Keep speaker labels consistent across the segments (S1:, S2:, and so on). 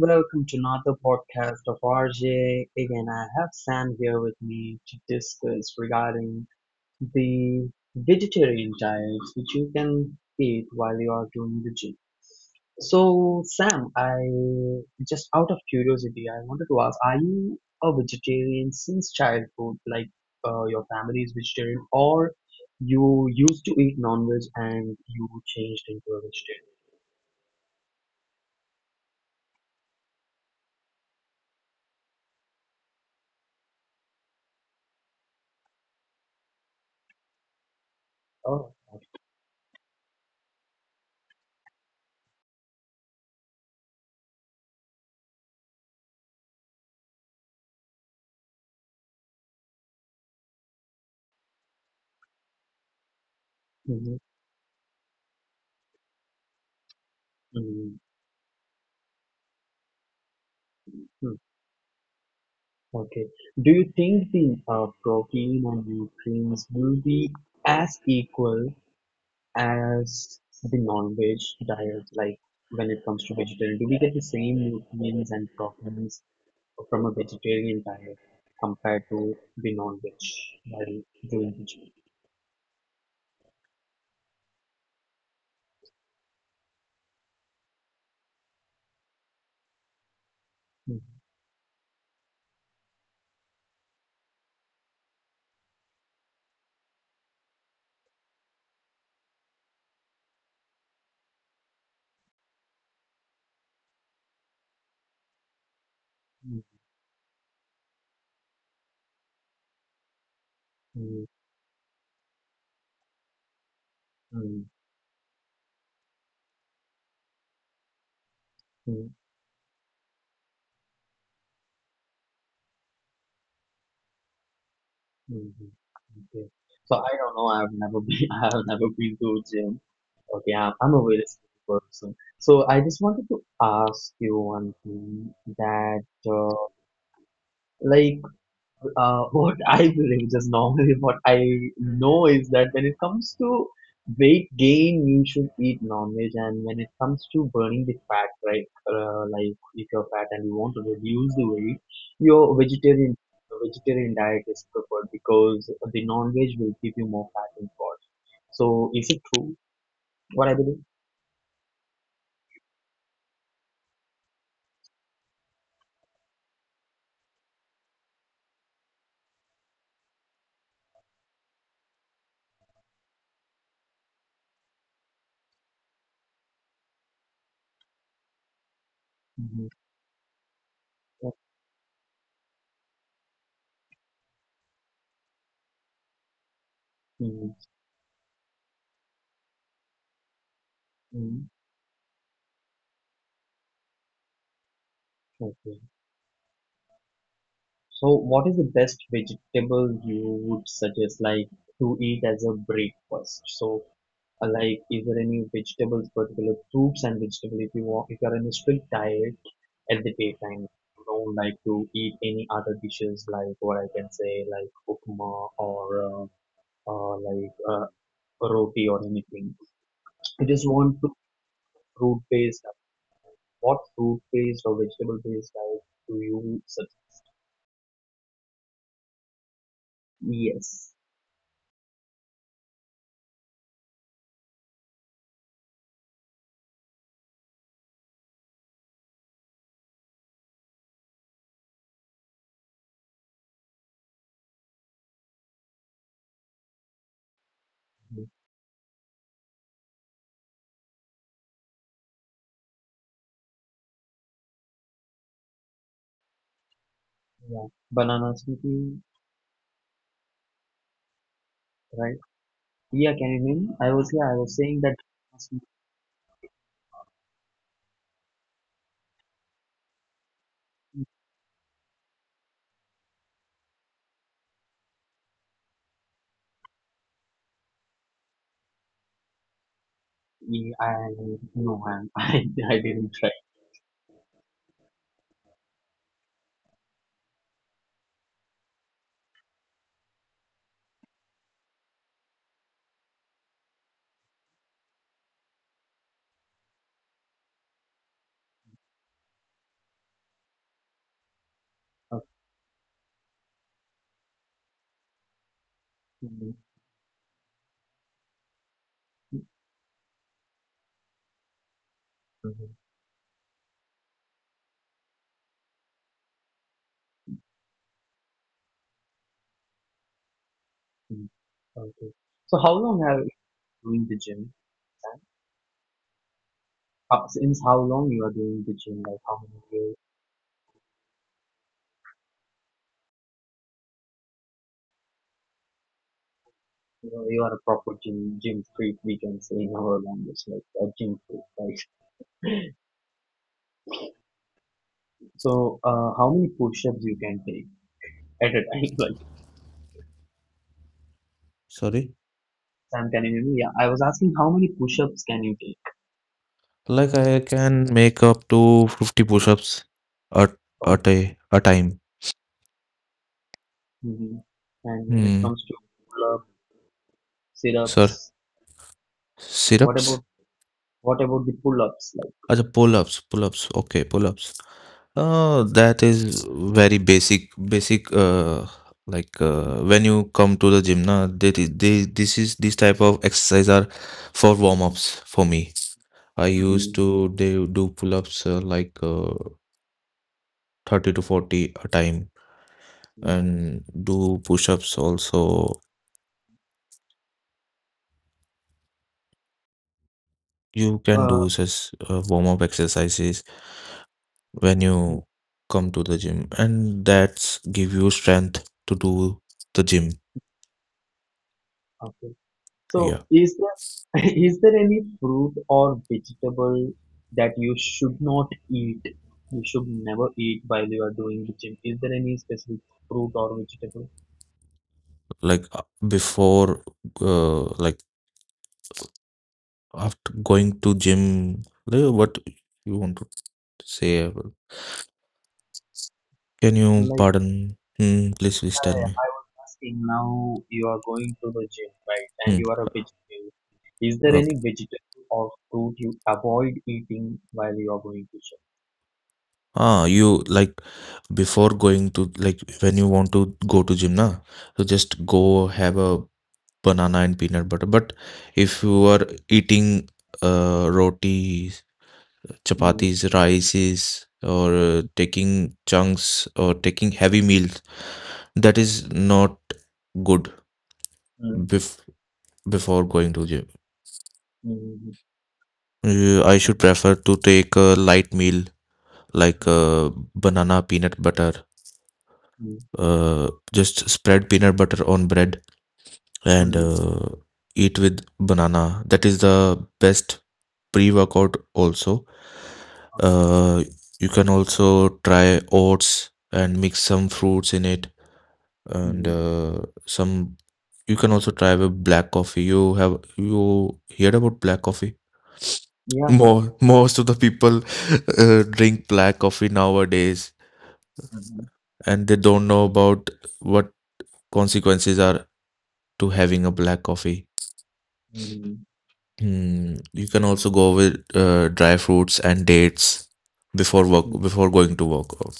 S1: Welcome to another podcast of RJ. Again, I have Sam here with me to discuss regarding the vegetarian diets which you can eat while you are doing the gym. So Sam, I just out of curiosity, I wanted to ask, are you a vegetarian since childhood, like your family is vegetarian, or you used to eat non-veg and you changed into a vegetarian? Oh, mm-hmm, mm-hmm, mm-hmm. Okay. Do you think the protein and nutrients will be as equal as the non-veg diet, like when it comes to vegetarian? Do we get the same nutrients and proteins from a vegetarian diet compared to the non-veg while doing the gym? Mm, mm, mm, mm, mm. Mm. Mhm. Okay. So I don't know. I've never been. I have never been to gym. Okay, I'm a very skinny person. So I just wanted to ask you one thing that, uh, like, what I believe, just normally what I know is that when it comes to weight gain, you should eat non-veg, and when it comes to burning the fat, right? Like if you're fat and you want to reduce the weight, your vegetarian diet is preferred because the non-veg will give you more fat in body. So is it true? What I believe? Mm-hmm. hmm hmm So, what is the best vegetable you would suggest, like to eat as a breakfast? So, like, is there any vegetables, particular fruits and vegetable, if you want, if you're on a strict diet at the daytime, you don't like to eat any other dishes, like what I can say, like upma or like roti or anything. I just want to fruit-based. What fruit-based or vegetable-based diet do you suggest? Yes. Mhm. Yeah. Banana smoothie. Right. Yeah, can you hear me? I was saying that yeah, I no, I'm, I didn't try. Okay. Mhm. Mhm. Okay. So how long have you been doing the gym? Since how long you are doing the gym? Like how many years? You know, you are a proper gym freak. We can say in our language, like a gym freak, right? So how many push-ups you can take at a time? Like
S2: Sorry,
S1: Sam, can you hear me? Yeah, I was asking how many push-ups can you take?
S2: like I can make up to 50 push-ups at
S1: Oh,
S2: at a time.
S1: hmm. And when it
S2: Hmm.
S1: comes to pull-up,
S2: Sir,
S1: sit-ups, what
S2: sit-ups?
S1: about what about the pull-ups? Like,
S2: As pull-ups. Okay, pull-ups. That is very basic, basic. Like when you come to the gym, na, that is, they, this is this type of exercise are for warm-ups for me. I used
S1: hmm
S2: to do pull-ups, like 30 to 40 a time, and do push-ups also. You can
S1: uh,
S2: do such warm up exercises when
S1: mm,
S2: you come to the gym, and that's give you strength to do the gym.
S1: okay. So
S2: Yeah.
S1: is there is there any fruit or vegetable that you should not eat? You should never eat while you are doing the gym. Is there any specific fruit or vegetable?
S2: Like before like after going to gym, what you want to say can you
S1: Like?
S2: pardon? Hmm, please tell me.
S1: I was asking now you are going to the gym, right? And
S2: Hmm,
S1: you are a vegetarian. Is there any
S2: okay.
S1: vegetable or fruit you avoid eating while you are going to gym?
S2: Ah, you like before going to, like when you want to go to gym, na, so just go have a banana and peanut butter. But if you are eating roti,
S1: Mm,
S2: chapatis, rices, or taking chunks or taking heavy meals, that is not good
S1: mm,
S2: bef- before going to gym.
S1: mm,
S2: I should prefer to take a light meal like
S1: mm,
S2: banana peanut butter.
S1: mm,
S2: Just spread peanut butter on bread and
S1: mm,
S2: eat with banana. That is the best pre-workout also. Uh, you can also try oats and mix some fruits in it,
S1: mm,
S2: and
S1: mm.
S2: some you can also try with black coffee. You heard about black coffee?
S1: Yeah, yeah.
S2: More most of the people drink black coffee nowadays,
S1: Mm-hmm.
S2: and they don't know about what consequences are to having a black coffee.
S1: Mm-hmm.
S2: Hmm, you can also go with dry fruits and dates before going to work out.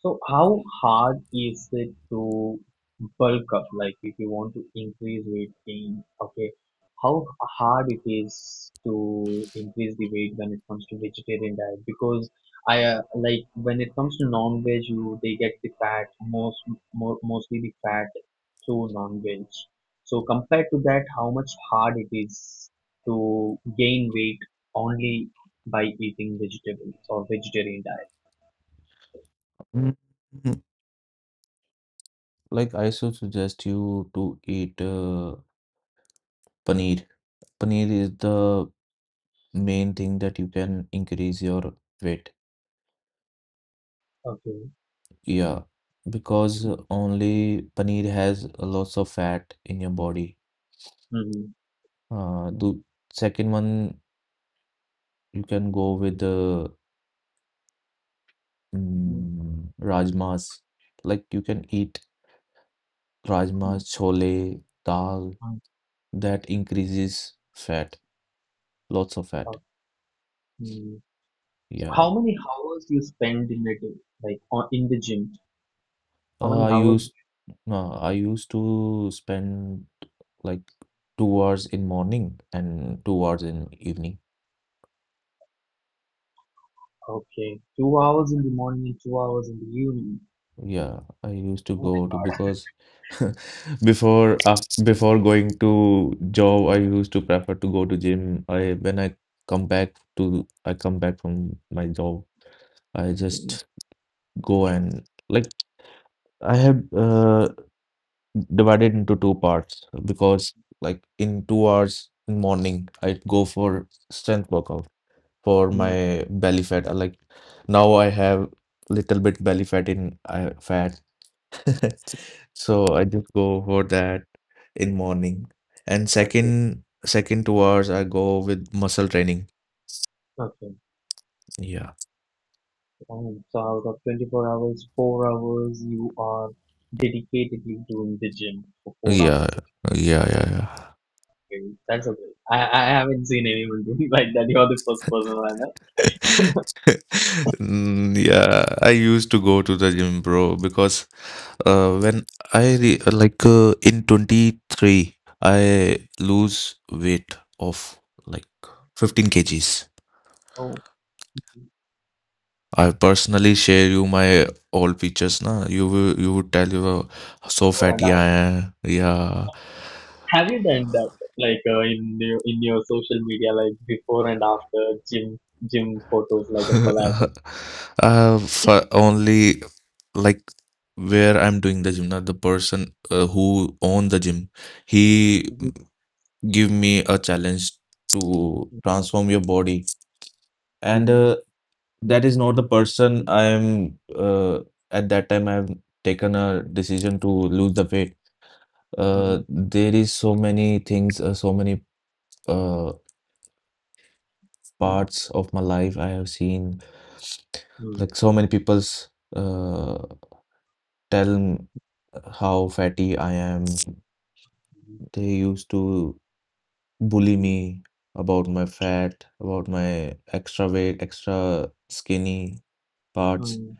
S1: So how hard is it to bulk up? Like if you want to increase weight gain, okay, how hard it is to increase the weight when it comes to vegetarian diet? Because I like when it comes to non-veg, you they get the fat most more, mostly the fat through non-veg. So compared to that, how much hard it is to gain weight only by eating vegetables or vegetarian diet?
S2: Mm. Like, I should suggest you to eat paneer. Paneer is the main thing that you can increase your weight.
S1: Okay.
S2: Yeah, because only paneer has lots of fat in your body.
S1: Mm-hmm.
S2: The second one you can go with the rajmas. Like you can eat rajma,
S1: Mm,
S2: chole, dal,
S1: mm,
S2: that increases fat, lots of fat.
S1: uh, mm. So
S2: Yeah.
S1: how many hours you spend in a day, like on, in the gym? How many
S2: I
S1: hours?
S2: used no, I used to spend like 2 hours in morning and 2 hours in evening.
S1: Okay, 2 hours in the morning and 2 hours in the evening.
S2: Yeah, I used to
S1: Oh my
S2: go to because before af before going to job, I used to prefer to go to gym. I when I come back from my job, I
S1: goodness.
S2: just go. And like I have divided into two parts, because like in 2 hours in morning I go for strength workout for
S1: Mm,
S2: my belly fat. I like now I have little bit belly fat in I fat. So I just go for that in morning. And
S1: okay,
S2: second 2 hours I go with muscle training.
S1: okay.
S2: Yeah.
S1: Oh, so out of 24 hours, 4 hours you are dedicatedly doing the gym for four
S2: Yeah.
S1: hours.
S2: Yeah. Yeah. Yeah.
S1: Okay, that's okay. I haven't seen anyone doing like that. You're the first person I met.
S2: Mm, yeah, I used to go to the gym, bro, because when I re like in 23, I lose weight of like 15 kgs.
S1: Oh,
S2: I personally share you my old pictures, na. You will, you would tell you so
S1: four and a
S2: fatty
S1: half.
S2: I am. Yeah.
S1: Have you done that, like in your social media, like before and after gym photos, like a collage? Of,
S2: For only like where I'm doing the gym, not the person who own the gym. He
S1: Mhm,
S2: give me a challenge to transform your body, and that is not the person I'm. At that time, I've taken a decision to lose the weight.
S1: mhm, mhm,
S2: There is so many things, so many uh parts of my life I have seen,
S1: mhm,
S2: like so many people's uh, tell how fatty I am. They used to bully me about my fat, about my extra weight, extra skinny
S1: mhm,
S2: parts.
S1: mhm,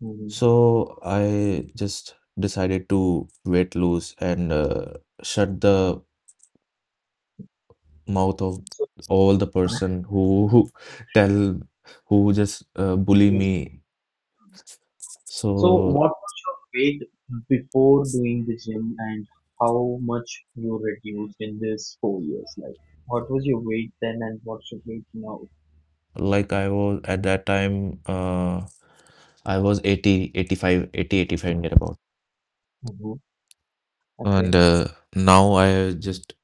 S1: mhm.
S2: So I just decided to weight lose and shut the mouth of
S1: So,
S2: all the person who tell who just bully me.
S1: so
S2: So
S1: what was your weight before doing the gym, and how much you reduced in this 4 years? Like, what was your weight then, and what's your weight now?
S2: like I was at that time, I was 80, 85, 80, 85 near about,
S1: Hmm.
S2: and
S1: Okay.
S2: now I just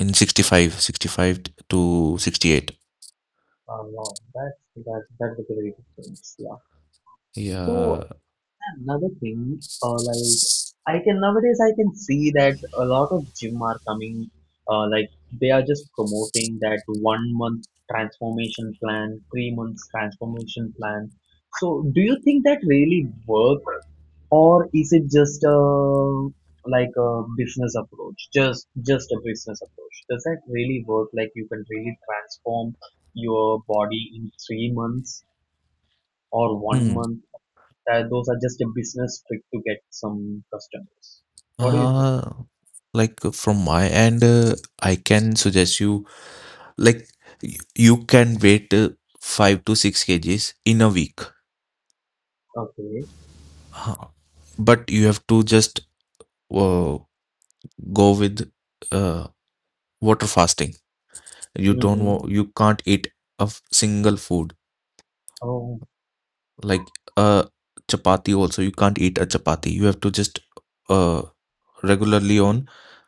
S2: in 65, 65 to 68.
S1: Oh, wow. That's that's a great difference. Yeah. So
S2: Yeah.
S1: another thing, like I can nowadays I can see that a lot of gym are coming, like they are just promoting that 1 month transformation plan, 3 months transformation plan. So do you think that really work, or is it just a like a business approach? Just a business approach. Does that really work? Like you can really transform your body in 3 months or one
S2: Hmm.
S1: month? Those are just a business trick to get some customers. What do you think?
S2: Uh, like from my end, I can suggest you like you can weight 5 to 6 kgs in a week.
S1: Okay.
S2: Uh, But you have to just uh, go with uh, water fasting. You don't
S1: Mm-hmm.
S2: you can't eat single food
S1: Oh,
S2: like uh chapati. Also, you can't eat a chapati. You have to just uh regularly on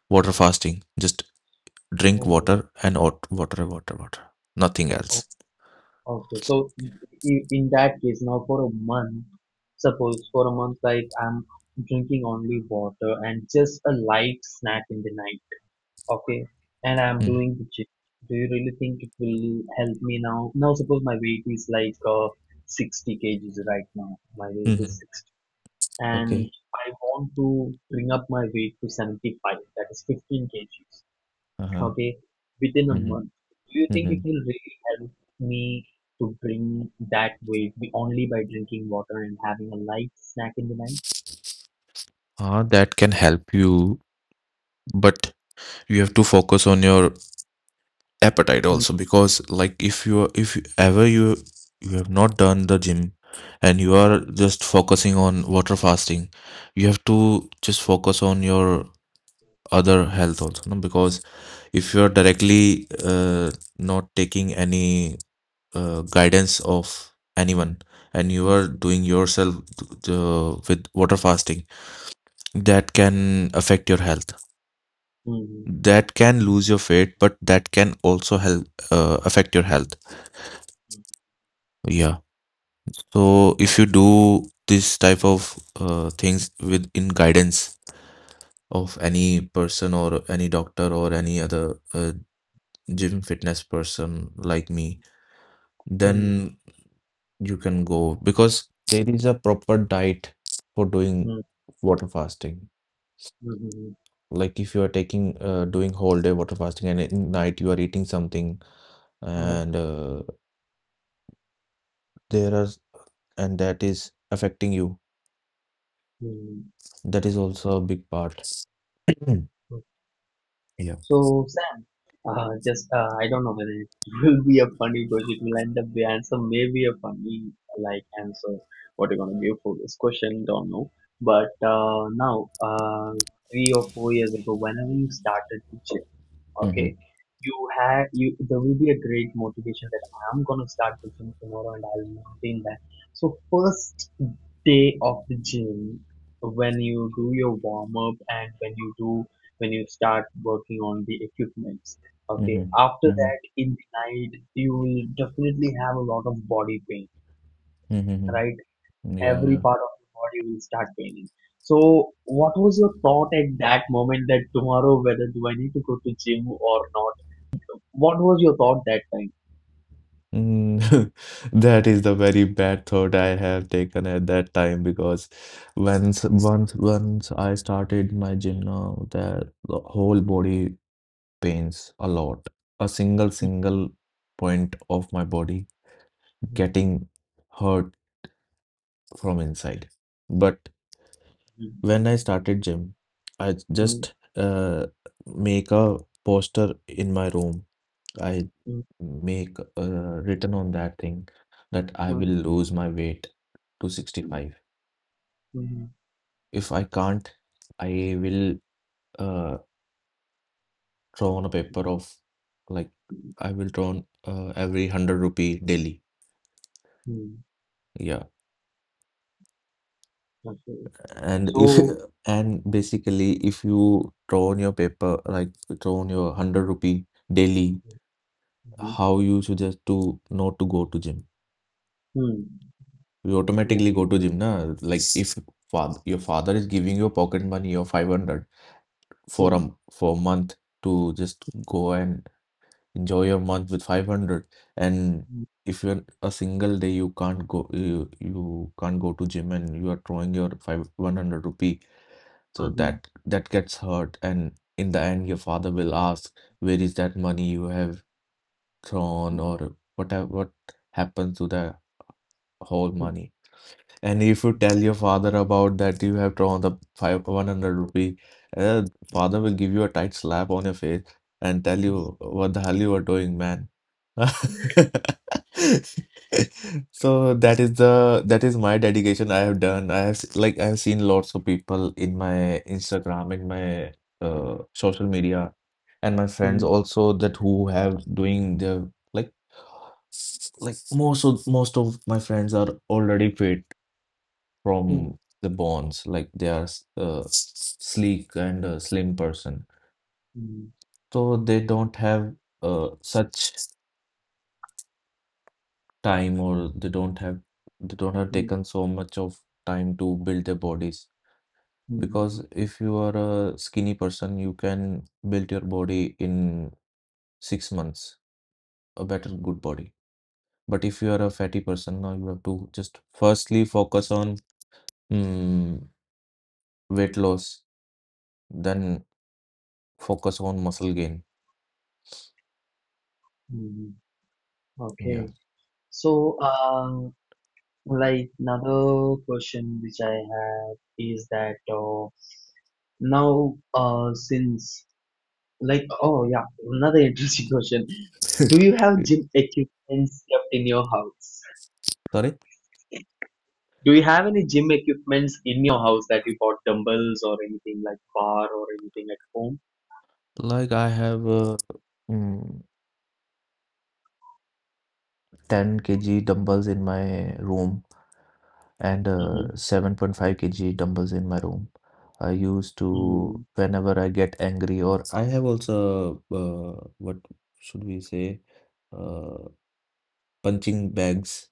S2: water fasting, just drink
S1: oh,
S2: water. And out water, water, water, nothing
S1: oh,
S2: else.
S1: Okay. So in that case, now for a month, suppose for a month, like I'm drinking only water and just a light snack in the night. Okay. And I'm doing the gym. Do you really think it will help me now? Now suppose my weight is like 60 kgs right now. My weight is
S2: Mm-hmm.
S1: and
S2: Okay.
S1: I want to bring up my weight to 75, that is 15 kgs,
S2: Uh-huh.
S1: okay, within a
S2: Mm-hmm.
S1: month. Do you think
S2: Mm-hmm.
S1: it will really help me to bring that only by drinking water and having a light snack in the night?
S2: That can help you, but you have to focus on your appetite
S1: Mm,
S2: also, because like if you are- if you- ever you have not done the gym and you are just focusing on water fasting, you have to just focus on your other health also, no? Because if you're directly not taking any guidance of anyone and you are doing yourself with water fasting, that can affect your health.
S1: mm, mm,
S2: That can lose your weight, but that can also help affect your health. Yeah. So if you do this type of things with in guidance of any person or any doctor or any other gym fitness person like me,
S1: mm,
S2: then you can go, because there is a proper diet for doing
S1: mm,
S2: water fasting.
S1: mm,
S2: Like if you are taking doing whole day water fasting and at night you are eating something,
S1: mm, mm,
S2: and there are and that is affecting you.
S1: mm,
S2: That is also a big part. Mm.
S1: mm,
S2: Yeah.
S1: So, Sam, just I don't know whether it will be a funny question. It will end up the answer may be a funny like answer. What you're gonna give for this question, don't know. But now, 3 or 4 years ago, whenever you started to gym,
S2: Mm-hmm.
S1: okay. You have you there will be a great motivation that I'm gonna start the gym tomorrow and I'll maintain that. So first day of the gym, when you do your warm up and when you do when you start working on the equipments, okay,
S2: Mm-hmm.
S1: after
S2: Mm-hmm.
S1: that in the night you will definitely have a lot of body pain,
S2: Mm-hmm.
S1: right?
S2: Yeah,
S1: Every
S2: yeah.
S1: part of your body will start paining. So, what was your thought at that moment that tomorrow whether do I need to go to gym or not? What was your thought that time?
S2: Mm. That is the very bad thought I have taken at that time, because once I started my gym, now that the whole body pains a lot. A single point of my body
S1: Mhm,
S2: getting hurt from inside. But when I started gym, I
S1: mhm,
S2: just make a poster in my room. I
S1: mhm,
S2: make written on that thing that I will
S1: mhm,
S2: lose my weight to 65.
S1: mhm, mhm,
S2: If I can't, I will uh, draw on a paper of like I will draw on every 100 rupee daily.
S1: mhm.
S2: Yeah.
S1: Okay.
S2: And if
S1: So,
S2: and basically, if you draw on your paper like draw on your 100 rupee daily,
S1: mhm,
S2: how you suggest to not to go to gym?
S1: mhm,
S2: You
S1: yeah.
S2: automatically go to gym, na. Like if father your father is giving you pocket money of 500 for
S1: Mhm,
S2: for a month to just go and enjoy your month with 500, and if you're a single day you can't go, you can't go to gym and you are throwing your 5 100 rupee, so
S1: mhm,
S2: that that gets hurt. And in the end, your father will ask, where is that money you have thrown,
S1: mhm,
S2: or what happens to the whole
S1: mhm,
S2: money? And if you tell your father about that you have drawn the five one hundred rupee, uh, father will give you a tight slap on your face and tell you, what the hell you are doing, man. So that is the that is my dedication I have done. I have like I have seen lots of people in my Instagram, in my social media, and my friends
S1: mhm,
S2: also, that who have doing the like like most of my friends are already fit
S1: mhm,
S2: from the bonds, like they are sleek and slim person.
S1: mhm,
S2: So they don't have such time, or they don't have, they don't have
S1: mhm,
S2: taken so much of time to build their bodies,
S1: mhm.
S2: because if you are a skinny person you can build your body in 6 months a better good body. But if you are a fatty person, now you have to just firstly focus on mm, weight loss, then focus on muscle gain.
S1: Hmm.
S2: Yeah.
S1: Okay. So, like another question which I have is that now, since like oh yeah, another interesting question. Do you have gym equipments kept in your house?
S2: Sorry?
S1: Do you have any gym equipments in your house that you bought dumbbells or anything like bar or anything at home?
S2: Like I have mm, 10 kg dumbbells in my room and
S1: Mm-hmm.
S2: 7.5 kg dumbbells in my room. I used to,
S1: Mm-hmm.
S2: whenever I get angry, or I have also, what should we say, uh, punching bags.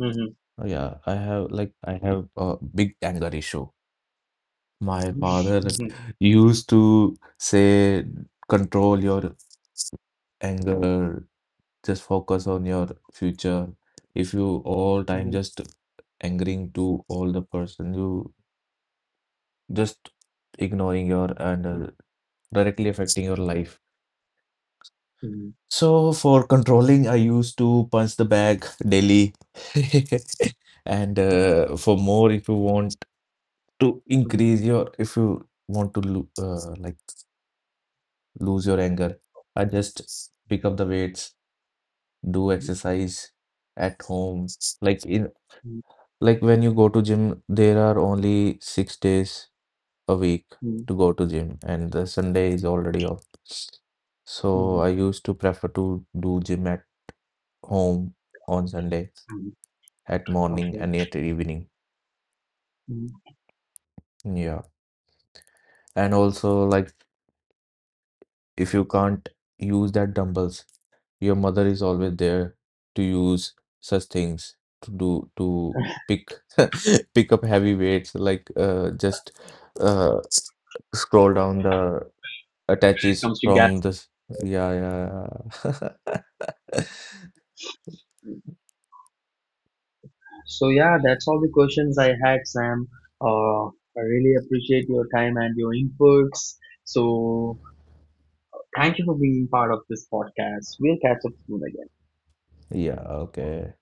S1: Mm-hmm.
S2: Yeah, I have, like, I have a big anger issue. My father used to say, control your anger, just focus on your future. If you all time
S1: Mm-hmm.
S2: just angering to all the person, you just ignoring your and directly affecting your life.
S1: Mm-hmm.
S2: So for controlling, I used to punch the bag daily and for more, if you want to increase your if you want to lo- like lose your anger, I just pick up the weights, do exercise at home like in.
S1: Mm-hmm.
S2: Like when you go to gym, there are only 6 days a week
S1: Mm-hmm.
S2: to go to gym, and the Sunday is already off. So
S1: Mm-hmm.
S2: I used to prefer to do gym at home on Sunday at morning
S1: Okay.
S2: and at evening. Yeah. And also like if you can't use that dumbbells, your mother is always there to use such things to do to pick pick up heavy weights like just uh s- scroll down the attaches
S1: Comes to gas.
S2: from this. Yeah, yeah, yeah.
S1: So yeah, that's all the questions I had, Sam. Uh, I really appreciate your time and your inputs. So thank you for being part of this podcast. We'll catch up soon again.
S2: Yeah, okay.